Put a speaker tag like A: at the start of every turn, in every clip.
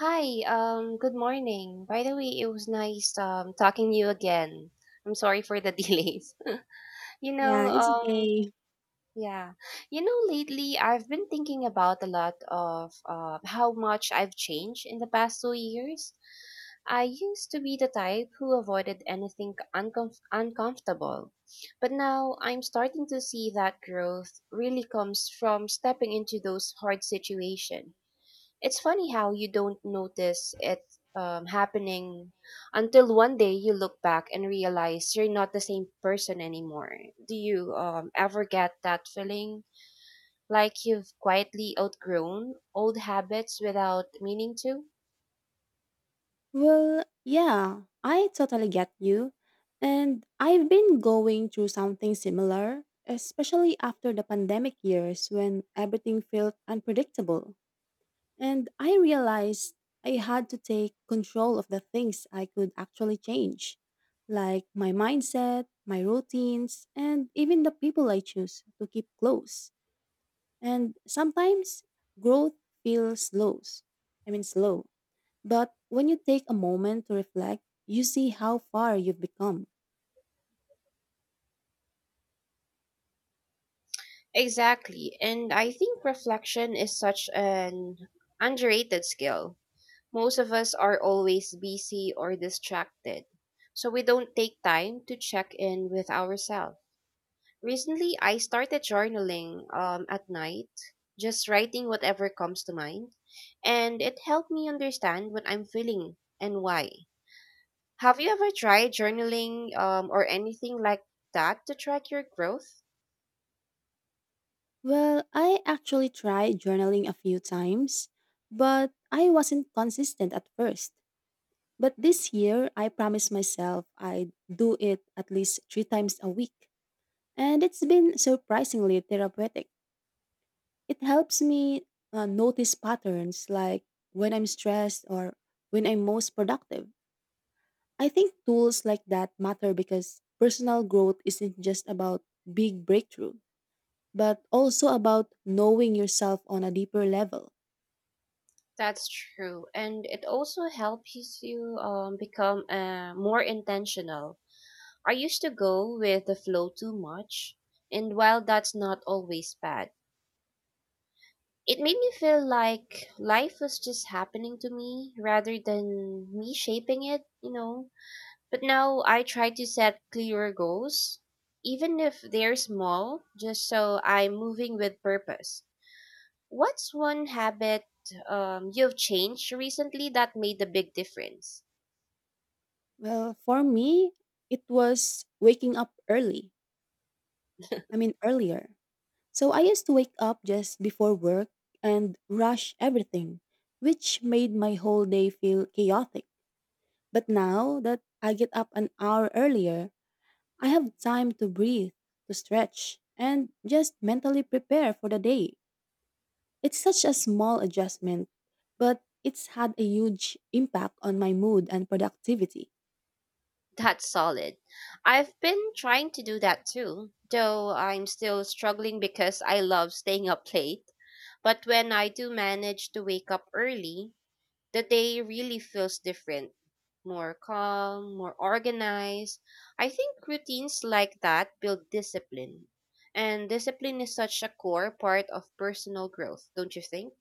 A: Hi, good morning. By the way, it was nice talking to you again. I'm sorry for the delays. You know,
B: Yeah, it's okay.
A: yeah. You know, lately I've been thinking about a lot of how much I've changed in the past 2 years. I used to be the type who avoided anything uncomfortable, but now I'm starting to see that growth really comes from stepping into those hard situations. It's funny how you don't notice it happening until one day you look back and realize you're not the same person anymore. Do you ever get that feeling like you've quietly outgrown old habits without meaning to?
B: Well, yeah, I totally get you. And I've been going through something similar, especially after the pandemic years when everything felt unpredictable. And I realized I had to take control of the things I could actually change, like my mindset, my routines, and even the people I choose to keep close. And sometimes growth feels slow. I mean, slow. But when you take a moment to reflect, you see how far you've become.
A: Exactly. And I think reflection is such an underrated skill. Most of us are always busy or distracted, so we don't take time to check in with ourselves. Recently, I started journaling at night, just writing whatever comes to mind, and it helped me understand what I'm feeling and why. Have you ever tried journaling or anything like that to track your growth?
B: Well, I actually tried journaling a few times, but I wasn't consistent at first. But this year, I promised myself I'd do it at least three times a week. And it's been surprisingly therapeutic. It helps me notice patterns, like when I'm stressed or when I'm most productive. I think tools like that matter because personal growth isn't just about big breakthrough, but also about knowing yourself on a deeper level.
A: That's true, and it also helps you become more intentional. I used to go with the flow too much, and while that's not always bad, it made me feel like life was just happening to me rather than me shaping it. But now I try to set clearer goals, even if they're small, just so I'm moving with purpose. What's one habit you've changed recently that made a big difference?
B: Well, for me, it was waking up early. I mean, earlier. So I used to wake up just before work and rush everything, which made my whole day feel chaotic. But now that I get up an hour earlier, I have time to breathe, to stretch, and just mentally prepare for the day. It's such a small adjustment, but it's had a huge impact on my mood and productivity.
A: That's solid. I've been trying to do that too, though I'm still struggling because I love staying up late. But when I do manage to wake up early, the day really feels different, more calm, more organized. I think routines like that build discipline. And discipline is such a core part of personal growth, don't you think?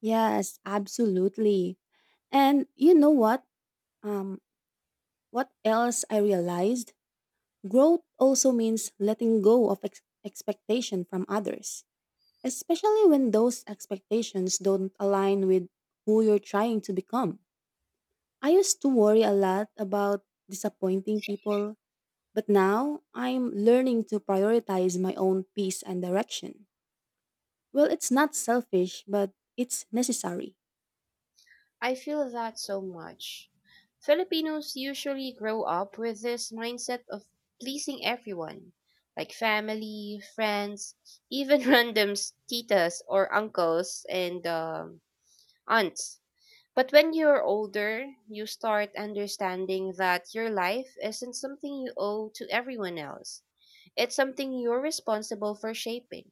B: Yes, absolutely. And you know what? Um, what else I realized? Growth also means letting go of expectation from others, especially when those expectations don't align with who you're trying to become. I used to worry a lot about disappointing people, but now I'm learning to prioritize my own peace and direction. Well, it's not selfish, but it's necessary.
A: I feel that so much. Filipinos usually grow up with this mindset of pleasing everyone, like family, friends, even randoms, titas or uncles and aunts. But when you're older, you start understanding that your life isn't something you owe to everyone else. It's something you're responsible for shaping.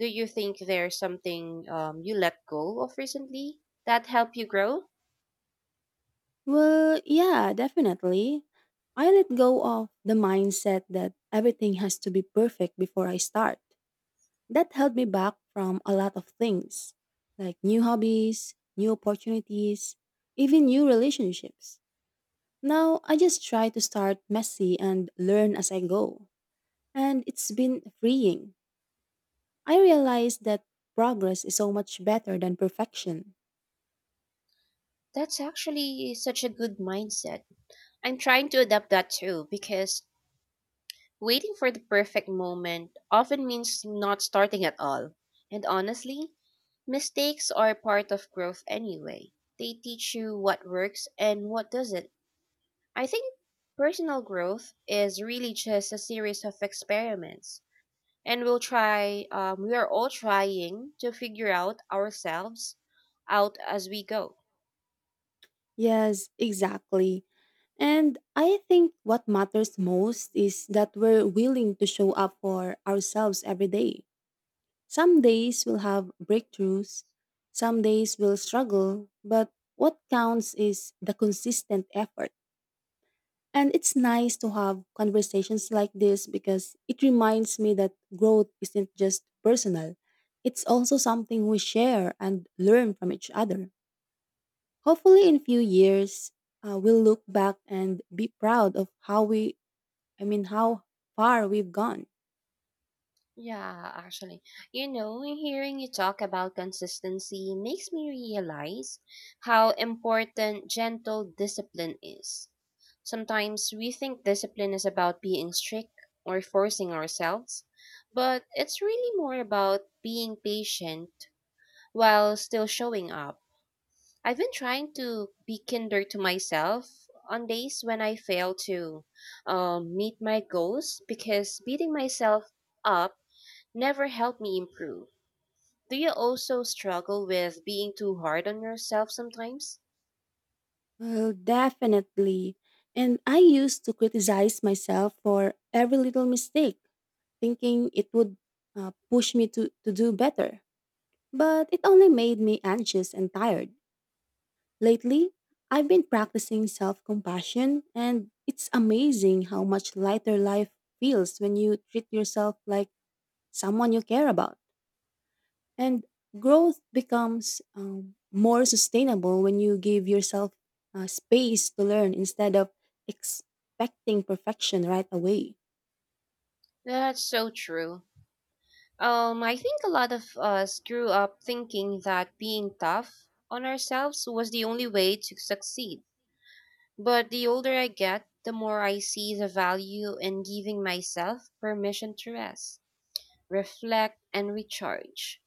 A: Do you think there's something you let go of recently that helped you grow?
B: Well, yeah, definitely. I let go of the mindset that everything has to be perfect before I start. That held me back from a lot of things, like new hobbies, new opportunities, even new relationships. Now I just try to start messy and learn as I go. And it's been freeing. I realize that progress is so much better than perfection.
A: That's actually such a good mindset. I'm trying to adapt that too because waiting for the perfect moment often means not starting at all. And honestly, mistakes are part of growth anyway. They teach you what works and what doesn't. I think personal growth is really just a series of experiments. And we are all trying to figure out ourselves out as we go.
B: Yes, exactly. And I think what matters most is that we're willing to show up for ourselves every day. Some days will have breakthroughs, some days will struggle, but what counts is the consistent effort. And it's nice to have conversations like this because it reminds me that growth isn't just personal. It's also something we share and learn from each other. Hopefully in few years, we'll look back and be proud of how far we've gone.
A: Yeah, actually. You know, hearing you talk about consistency makes me realize how important gentle discipline is. Sometimes we think discipline is about being strict or forcing ourselves, but it's really more about being patient while still showing up. I've been trying to be kinder to myself on days when I fail to meet my goals because beating myself up never helped me improve. Do you also struggle with being too hard on yourself sometimes?
B: Well, definitely. And I used to criticize myself for every little mistake, thinking it would push me to do better. But it only made me anxious and tired. Lately, I've been practicing self compassion, and it's amazing how much lighter life feels when you treat yourself like someone you care about. And growth becomes more sustainable when you give yourself space to learn instead of expecting perfection right away.
A: That's so true. I think a lot of us grew up thinking that being tough on ourselves was the only way to succeed. But the older I get, the more I see the value in giving myself permission to rest, reflect, and recharge.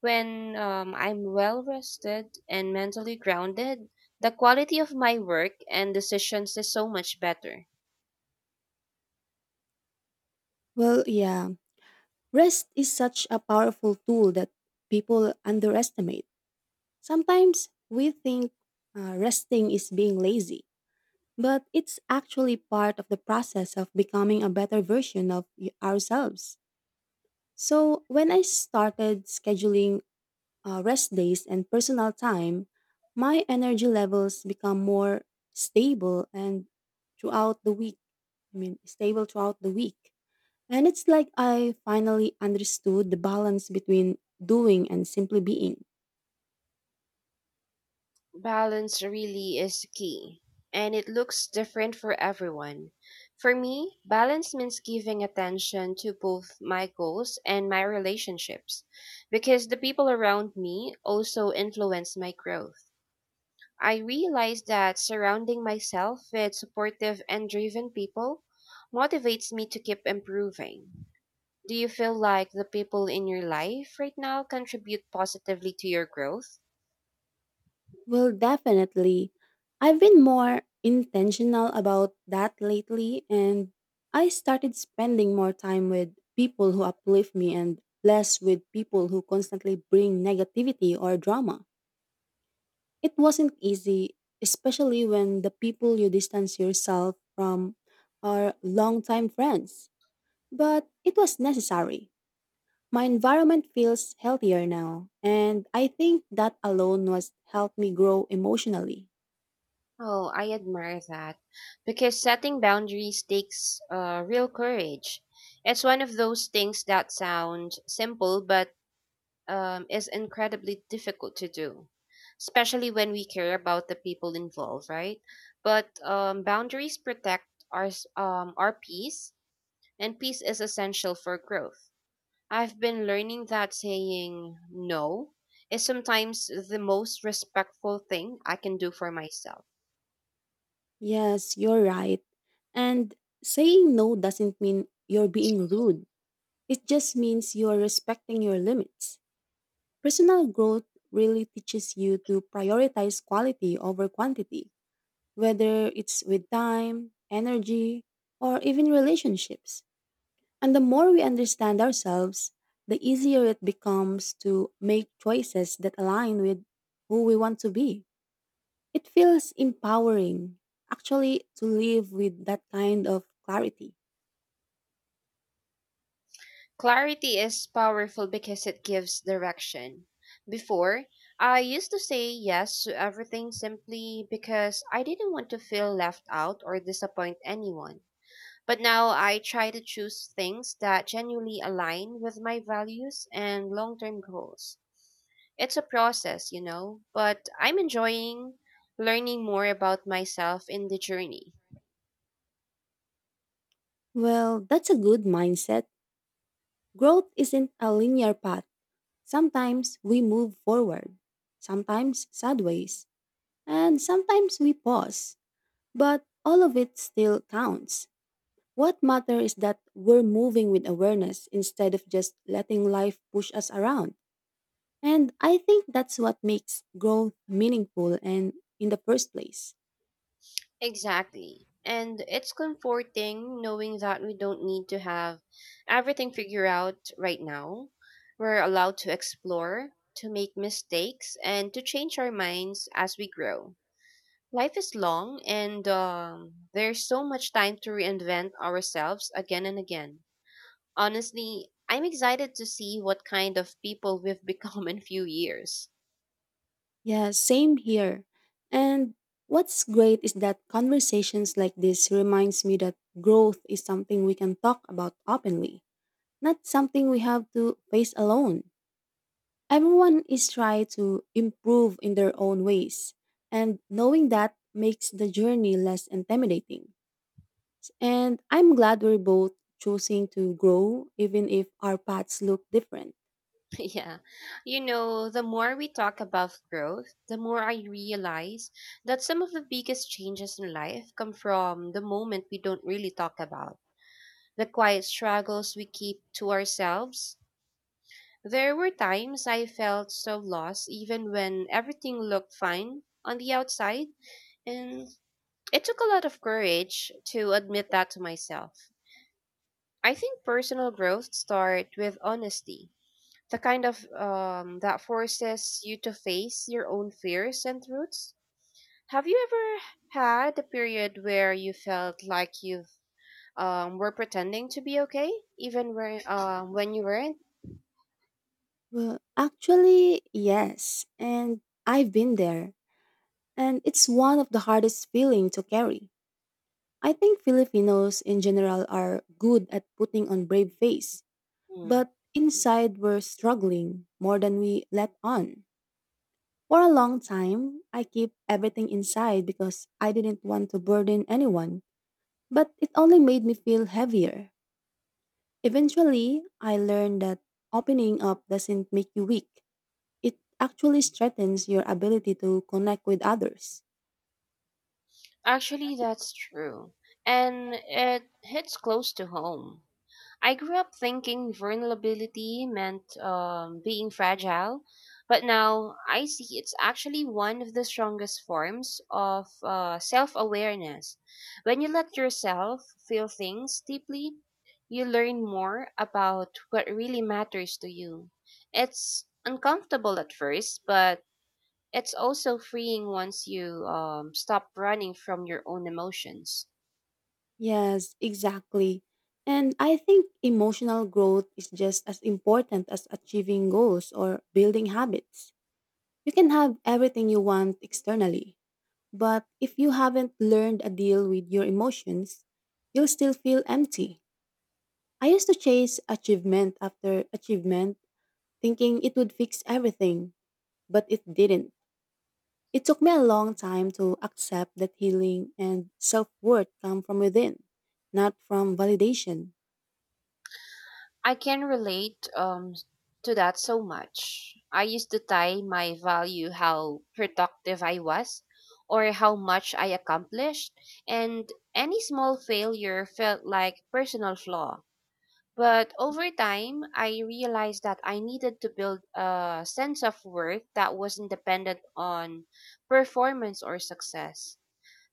A: When I'm well rested and mentally grounded, the quality of my work and decisions is so much better.
B: Well, yeah, rest is such a powerful tool that people underestimate. Sometimes we think resting is being lazy, but it's actually part of the process of becoming a better version of ourselves. So, when I started scheduling rest days, and personal time, my energy levels become more stable and throughout the week. I mean, stable throughout the week. And it's like I finally understood the balance between doing and simply being.
A: Balance really is key, and it looks different for everyone. For me, balance means giving attention to both my goals and my relationships because the people around me also influence my growth. I realize that surrounding myself with supportive and driven people motivates me to keep improving. Do you feel like the people in your life right now contribute positively to your growth?
B: Well, definitely. I've been more intentional about that lately, and I started spending more time with people who uplift me and less with people who constantly bring negativity or drama. It wasn't easy, especially when the people you distance yourself from are longtime friends. But it was necessary. My environment feels healthier now, and I think that alone was helped me grow emotionally.
A: Oh, I admire that because setting boundaries takes real courage. It's one of those things that sound simple but is incredibly difficult to do, especially when we care about the people involved, right? But boundaries protect our peace, and peace is essential for growth. I've been learning that saying no is sometimes the most respectful thing I can do for myself.
B: Yes, you're right. And saying no doesn't mean you're being rude. It just means you are respecting your limits. Personal growth really teaches you to prioritize quality over quantity, whether it's with time, energy, or even relationships. And the more we understand ourselves, the easier it becomes to make choices that align with who we want to be. It feels empowering, actually, to live with that kind of clarity.
A: Clarity is powerful because it gives direction. Before, I used to say yes to everything simply because I didn't want to feel left out or disappoint anyone. But now I try to choose things that genuinely align with my values and long term goals. It's a process, you know, but I'm enjoying learning more about myself in the journey.
B: Well, that's a good mindset. Growth isn't a linear path. Sometimes we move forward, sometimes sideways, and sometimes we pause. But all of it still counts. What matters is that we're moving with awareness instead of just letting life push us around. And I think that's what makes growth meaningful and in the first place.
A: Exactly. And it's comforting knowing that we don't need to have everything figured out right now. We're allowed to explore, to make mistakes, and to change our minds as we grow. Life is long, and there's so much time to reinvent ourselves again and again. Honestly, I'm excited to see what kind of people we've become in few years.
B: Yeah, same here. And what's great is that conversations like this reminds me that growth is something we can talk about openly, not something we have to face alone. Everyone is trying to improve in their own ways, and knowing that makes the journey less intimidating. And I'm glad we're both choosing to grow, even if our paths look different.
A: Yeah. You know, the more we talk about growth, the more I realize that some of the biggest changes in life come from the moment we don't really talk about. The quiet struggles we keep to ourselves. There were times I felt so lost even when everything looked fine on the outside, and it took a lot of courage to admit that to myself. I think personal growth starts with honesty, the kind of that forces you to face your own fears and truths. Have you ever had a period where you felt like you were pretending to be okay, even when you weren't?
B: Well, actually, yes, and I've been there, and it's one of the hardest feelings to carry. I think Filipinos in general are good at putting on brave face,
A: Hmm.
B: but inside we're struggling more than we let on. For a long time, I keep everything inside because I didn't want to burden anyone, but it only made me feel heavier. Eventually, I learned that opening up doesn't make you weak. It actually strengthens your ability to connect with others.
A: Actually, that's true. And it hits close to home. I grew up thinking vulnerability meant being fragile, but now I see it's actually one of the strongest forms of self awareness. When you let yourself feel things deeply, you learn more about what really matters to you. It's uncomfortable at first, but it's also freeing once you stop running from your own emotions.
B: Yes, exactly. And I think emotional growth is just as important as achieving goals or building habits. You can have everything you want externally, but if you haven't learned a deal with your emotions, you'll still feel empty. I used to chase achievement after achievement, thinking it would fix everything, but it didn't. It took me a long time to accept that healing and self worth come from within, not from validation.
A: I can relate to that so much. I used to tie my value how productive I was or how much I accomplished, and any small failure felt like personal flaw. But over time, I realized that I needed to build a sense of worth that wasn't dependent on performance or success.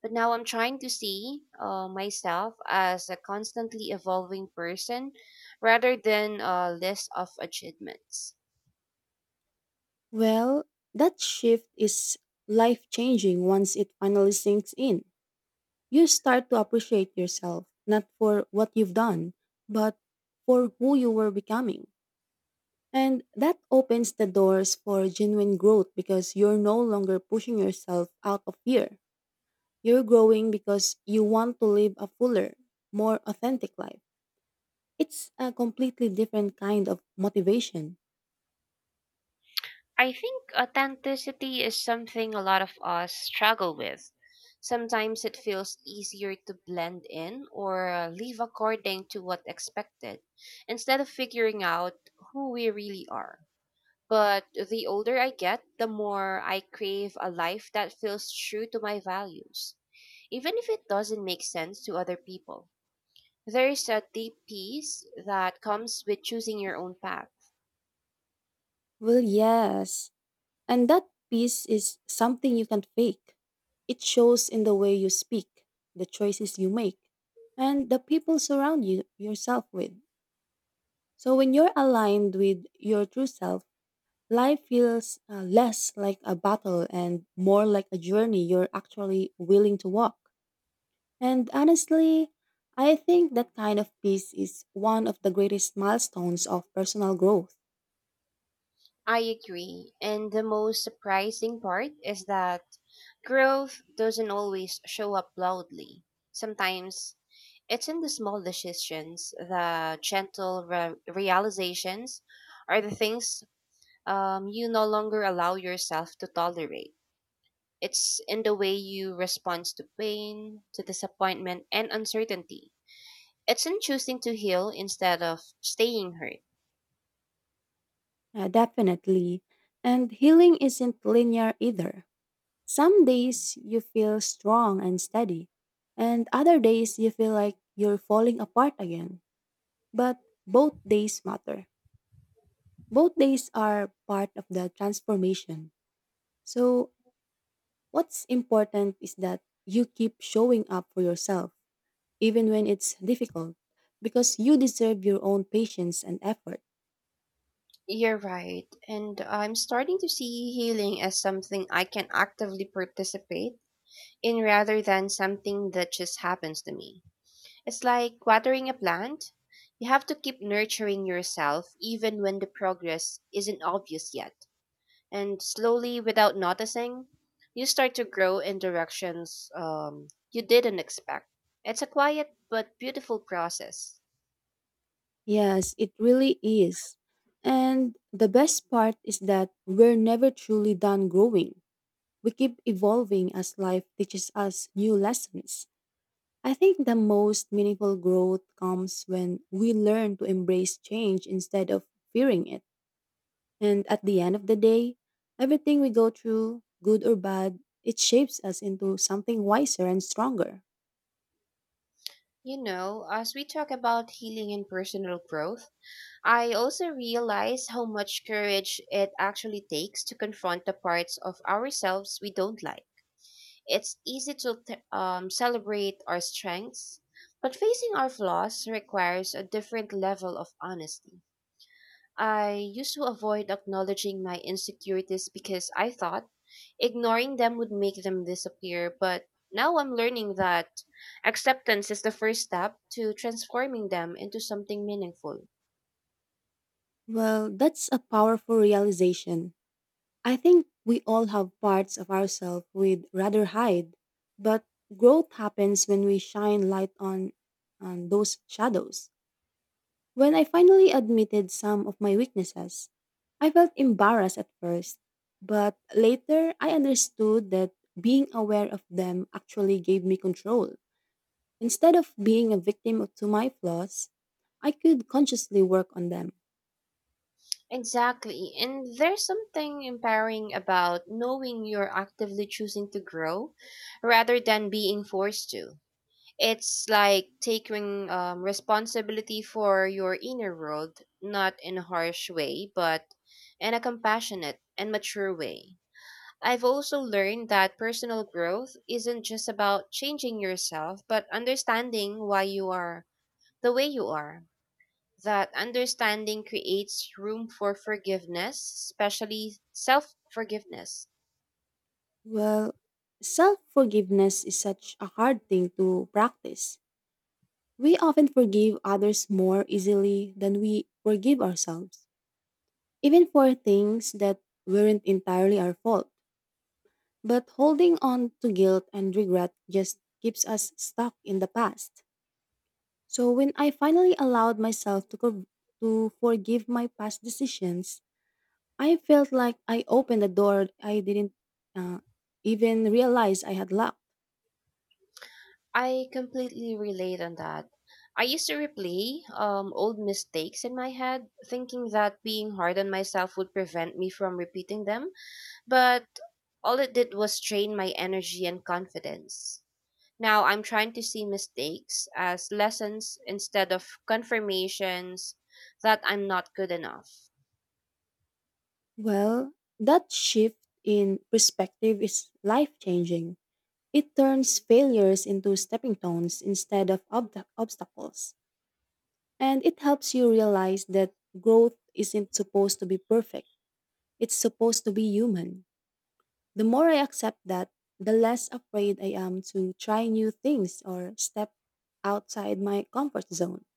A: But now I'm trying to see myself as a constantly evolving person rather than a list of achievements.
B: Well, that shift is life changing once it finally sinks in. You start to appreciate yourself, not for what you've done, but for who you were becoming. And that opens the doors for genuine growth because you're no longer pushing yourself out of fear. You're growing because you want to live a fuller, more authentic life. It's a completely different kind of motivation.
A: I think authenticity is something a lot of us struggle with. Sometimes it feels easier to blend in or live according to what's expected instead of figuring out who we really are. But the older I get, the more I crave a life that feels true to my values, even if it doesn't make sense to other people. There is a deep peace that comes with choosing your own path.
B: Well, yes, and that peace is something you can't fake. It shows in the way you speak, the choices you make, and the people surround you yourself with. So when you're aligned with your true self, life feels less like a battle and more like a journey you're actually willing to walk. And honestly, I think that kind of peace is one of the greatest milestones of personal growth.
A: I agree, and the most surprising part is that growth doesn't always show up loudly. Sometimes it's in the small decisions, the gentle realizations, or the things you no longer allow yourself to tolerate. It's in the way you respond to pain, to disappointment, and uncertainty. It's in choosing to heal instead of staying hurt.
B: Definitely. And healing isn't linear either. Some days you feel strong and steady, and other days you feel like you're falling apart again. But both days matter. Both days are part of the transformation. So, what's important is that you keep showing up for yourself, even when it's difficult, because you deserve your own patience and effort.
A: You're right, and I'm starting to see healing as something I can actively participate in rather than something that just happens to me. It's like watering a plant. You have to keep nurturing yourself even when the progress isn't obvious yet. And slowly, without noticing, you start to grow in directions you didn't expect. It's a quiet but beautiful process.
B: Yes, it really is. And the best part is that we're never truly done growing. We keep evolving as life teaches us new lessons. I think the most meaningful growth comes when we learn to embrace change instead of fearing it. And at the end of the day, everything we go through, good or bad, it shapes us into something wiser and stronger.
A: You know, as we talk about healing and personal growth, I also realize how much courage it actually takes to confront the parts of ourselves we don't like. It's easy to celebrate our strengths, but facing our flaws requires a different level of honesty. I used to avoid acknowledging my insecurities because I thought ignoring them would make them disappear, but now I'm learning that acceptance is the first step to transforming them into something meaningful.
B: Well, that's a powerful realization. I think we all have parts of ourselves we'd rather hide, but growth happens when we shine light on those shadows. When I finally admitted some of my weaknesses, I felt embarrassed at first, but later I understood that being aware of them actually gave me control. Instead of being a to my flaws, I could consciously work on them.
A: Exactly, and there's something empowering about knowing you're actively choosing to grow rather than being forced to. It's like taking responsibility for your inner world, not in a harsh way, but in a compassionate and mature way. I've also learned that personal growth isn't just about changing yourself, but understanding why you are the way you are. That understanding creates room for forgiveness, especially self forgiveness.
B: Well, self forgiveness is such a hard thing to practice. We often forgive others more easily than we forgive ourselves, even for things that weren't entirely our fault. But holding on to guilt and regret just keeps us stuck in the past. So when I finally allowed myself to forgive my past decisions, I felt like I opened a door I didn't uh, even realize I had locked.
A: I completely relate on that. I used to replay old mistakes in my head, thinking that being hard on myself would prevent me from repeating them, but all it did was drain my energy and confidence. Now I'm trying to see mistakes as lessons instead of confirmations that I'm not good enough.
B: Well, that shift in perspective is life changing. It turns failures into stepping stones instead of obstacles, and it helps you realize that growth isn't supposed to be perfect. It's supposed to be human. The more I accept that, the less afraid I am to try new things or step outside my comfort zone.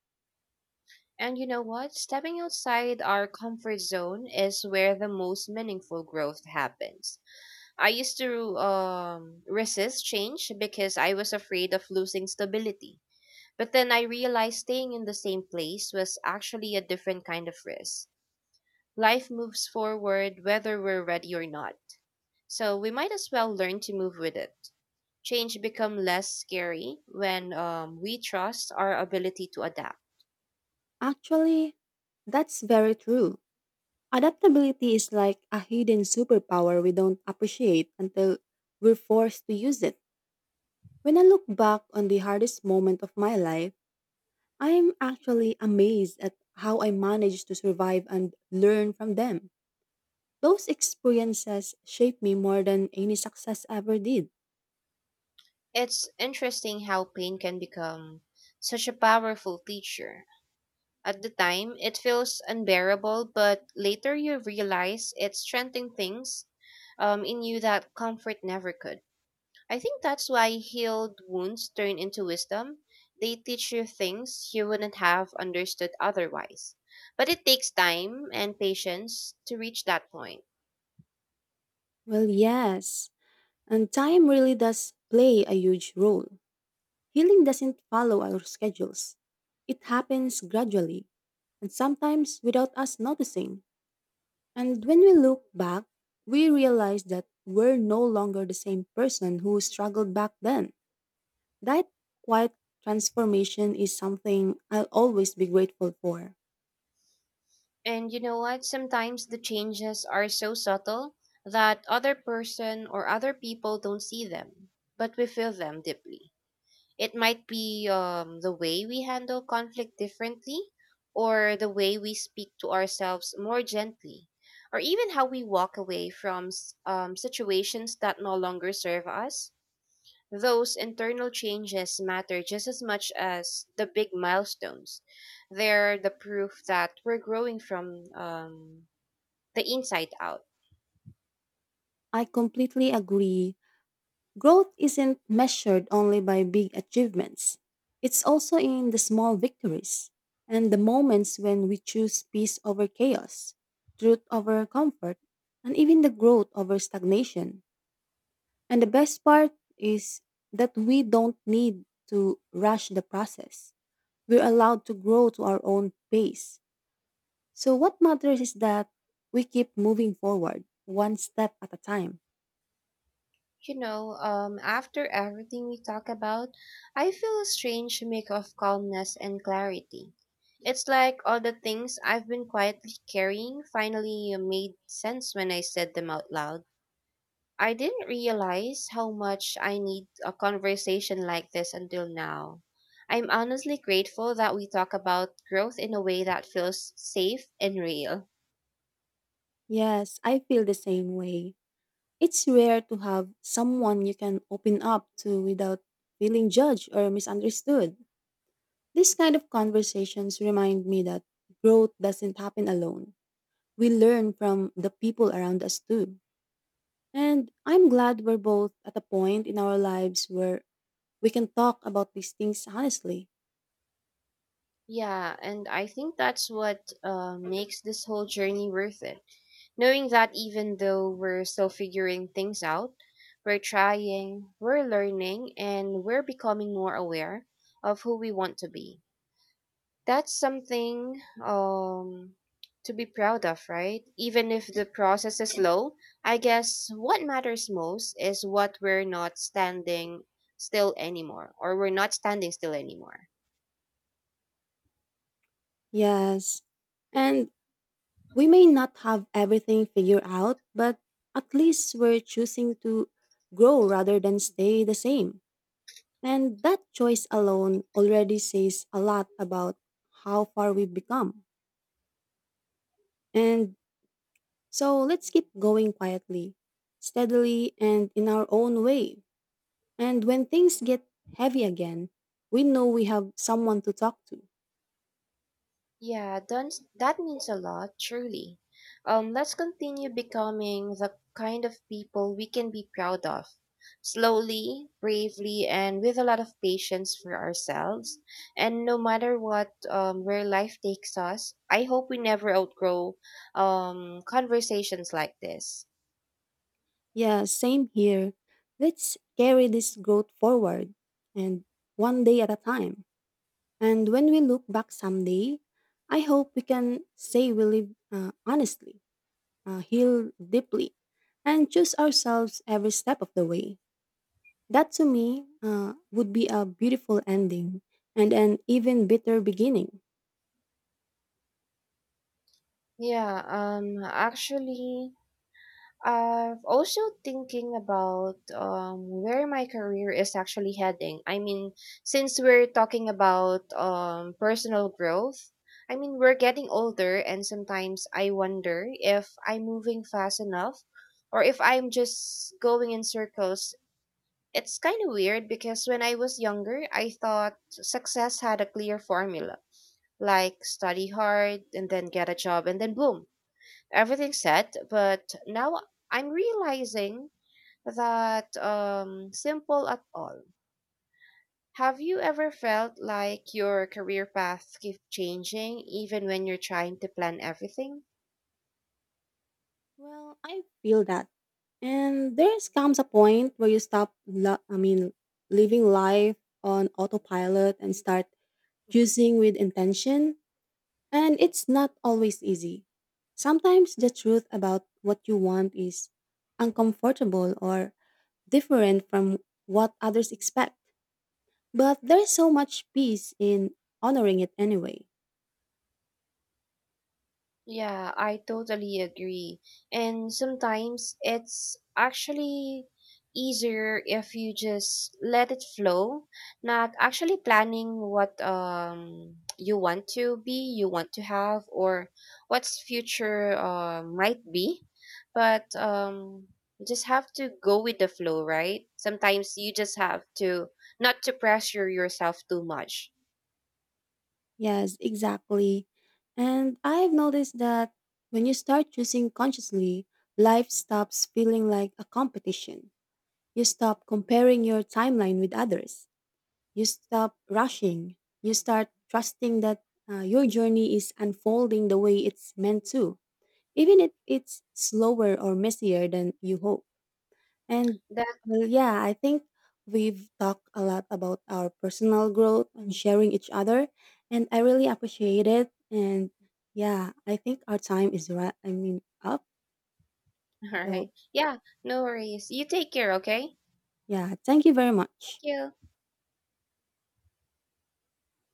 A: And you know what? Stepping outside our comfort zone is where the most meaningful growth happens. I used to resist change because I was afraid of losing stability. But then I realized staying in the same place was actually a different kind of risk. Life moves forward whether we're ready or not. So we might as well learn to move with it. Change become less scary when we trust our ability to adapt.
B: Actually, that's very true. Adaptability is like a hidden superpower we don't appreciate until we're forced to use it. When I look back on the hardest moment of my life, I'm actually amazed at how I managed to survive and learn from them. Those experiences shaped me more than any success ever did.
A: It's interesting how pain can become such a powerful teacher. At the time, it feels unbearable, but later you realize it's strengthening things in you that comfort never could. I think that's why healed wounds turn into wisdom. They teach you things you wouldn't have understood otherwise. But it takes time and patience to reach that point.
B: Well, yes, and time really does play a huge role. Healing doesn't follow our schedules, it happens gradually, and sometimes without us noticing. And when we look back, we realize that we're no longer the same person who struggled back then. That quiet transformation is something I'll always be grateful for.
A: And you know what? Sometimes the changes are so subtle that other person or other people don't see them, but we feel them deeply. It might be the way we handle conflict differently, or the way we speak to ourselves more gently, or even how we walk away from situations that no longer serve us. Those internal changes matter just as much as the big milestones. They're the proof that we're growing from the inside out.
B: I completely agree. Growth isn't measured only by big achievements. It's also in the small victories and the moments when we choose peace over chaos, truth over comfort, and even the growth over stagnation. And the best part is that we don't need to rush the process. We're allowed to grow to our own pace. So, what matters is that we keep moving forward, one step at a time.
A: After everything we talk about, I feel a strange mix of calmness and clarity. It's like all the things I've been quietly carrying finally made sense when I said them out loud. I didn't realize how much I need a conversation like this until now. I'm honestly grateful that we talk about growth in a way that feels safe and real.
B: Yes, I feel the same way. It's rare to have someone you can open up to without feeling judged or misunderstood. These kind of conversations remind me that growth doesn't happen alone. We learn from the people around us too. And I'm glad we're both at a point in our lives where we can talk about these things honestly.
A: Yeah, and I think that's what makes this whole journey worth it. Knowing that even though we're still figuring things out, we're trying, we're learning, and we're becoming more aware of who we want to be. That's something to be proud of, right? Even if the process is slow, I guess what matters most is what we're not standing still anymore, or we're not standing still anymore.
B: Yes. And we may not have everything figured out, but at least we're choosing to grow rather than stay the same. And that choice alone already says a lot about how far we've become. And so let's keep going quietly, steadily, and in our own way. And when things get heavy again, we know we have someone to talk to.
A: Yeah, done, that means a lot, truly. Let's continue becoming the kind of people we can be proud of. Slowly, bravely, and with a lot of patience for ourselves. And no matter what, where life takes us, I hope we never outgrow, conversations like this.
B: Yeah, same here. Let's carry this growth forward and one day at a time. And when we look back someday, I hope we can say we live honestly, heal deeply, and choose ourselves every step of the way. That to me would be a beautiful ending and an even better beginning.
A: Yeah, actually, I've also thinking about where my career is actually heading. I mean, since we're talking about personal growth, I mean, we're getting older, and sometimes I wonder if I'm moving fast enough or if I'm just going in circles. It's kind of weird because when I was younger, I thought success had a clear formula like study hard and then get a job and then boom everything set but now I'm realizing that simple at all. Have you ever felt like your career path keeps changing even when you're trying to plan everything?
B: Well, I feel that. And comes a point where you stop living life on autopilot and start choosing with intention. And it's not always easy. Sometimes the truth about what you want is uncomfortable or different from what others expect. But there is so much peace in honoring it anyway.
A: Yeah, I totally agree. And sometimes it's actually easier if you just let it flow, not actually planning what you want to be, you want to have, or what's future might be. But you just have to go with the flow, right? Sometimes you just have to not to pressure yourself too much.
B: Yes, exactly. And I've noticed that when you start choosing consciously, life stops feeling like a competition. You stop comparing your timeline with others. You stop rushing. You start trusting that your journey is unfolding the way it's meant to, even if it's slower or messier than you hope. And
A: That's
B: well, yeah, I think we've talked a lot about our personal growth and sharing each other, and I really appreciate it. And yeah, I think our time is up.
A: all
B: So
A: right. Yeah, no worries. You take care, okay?
B: yeah, thank you very
A: Thank
B: much.
A: you.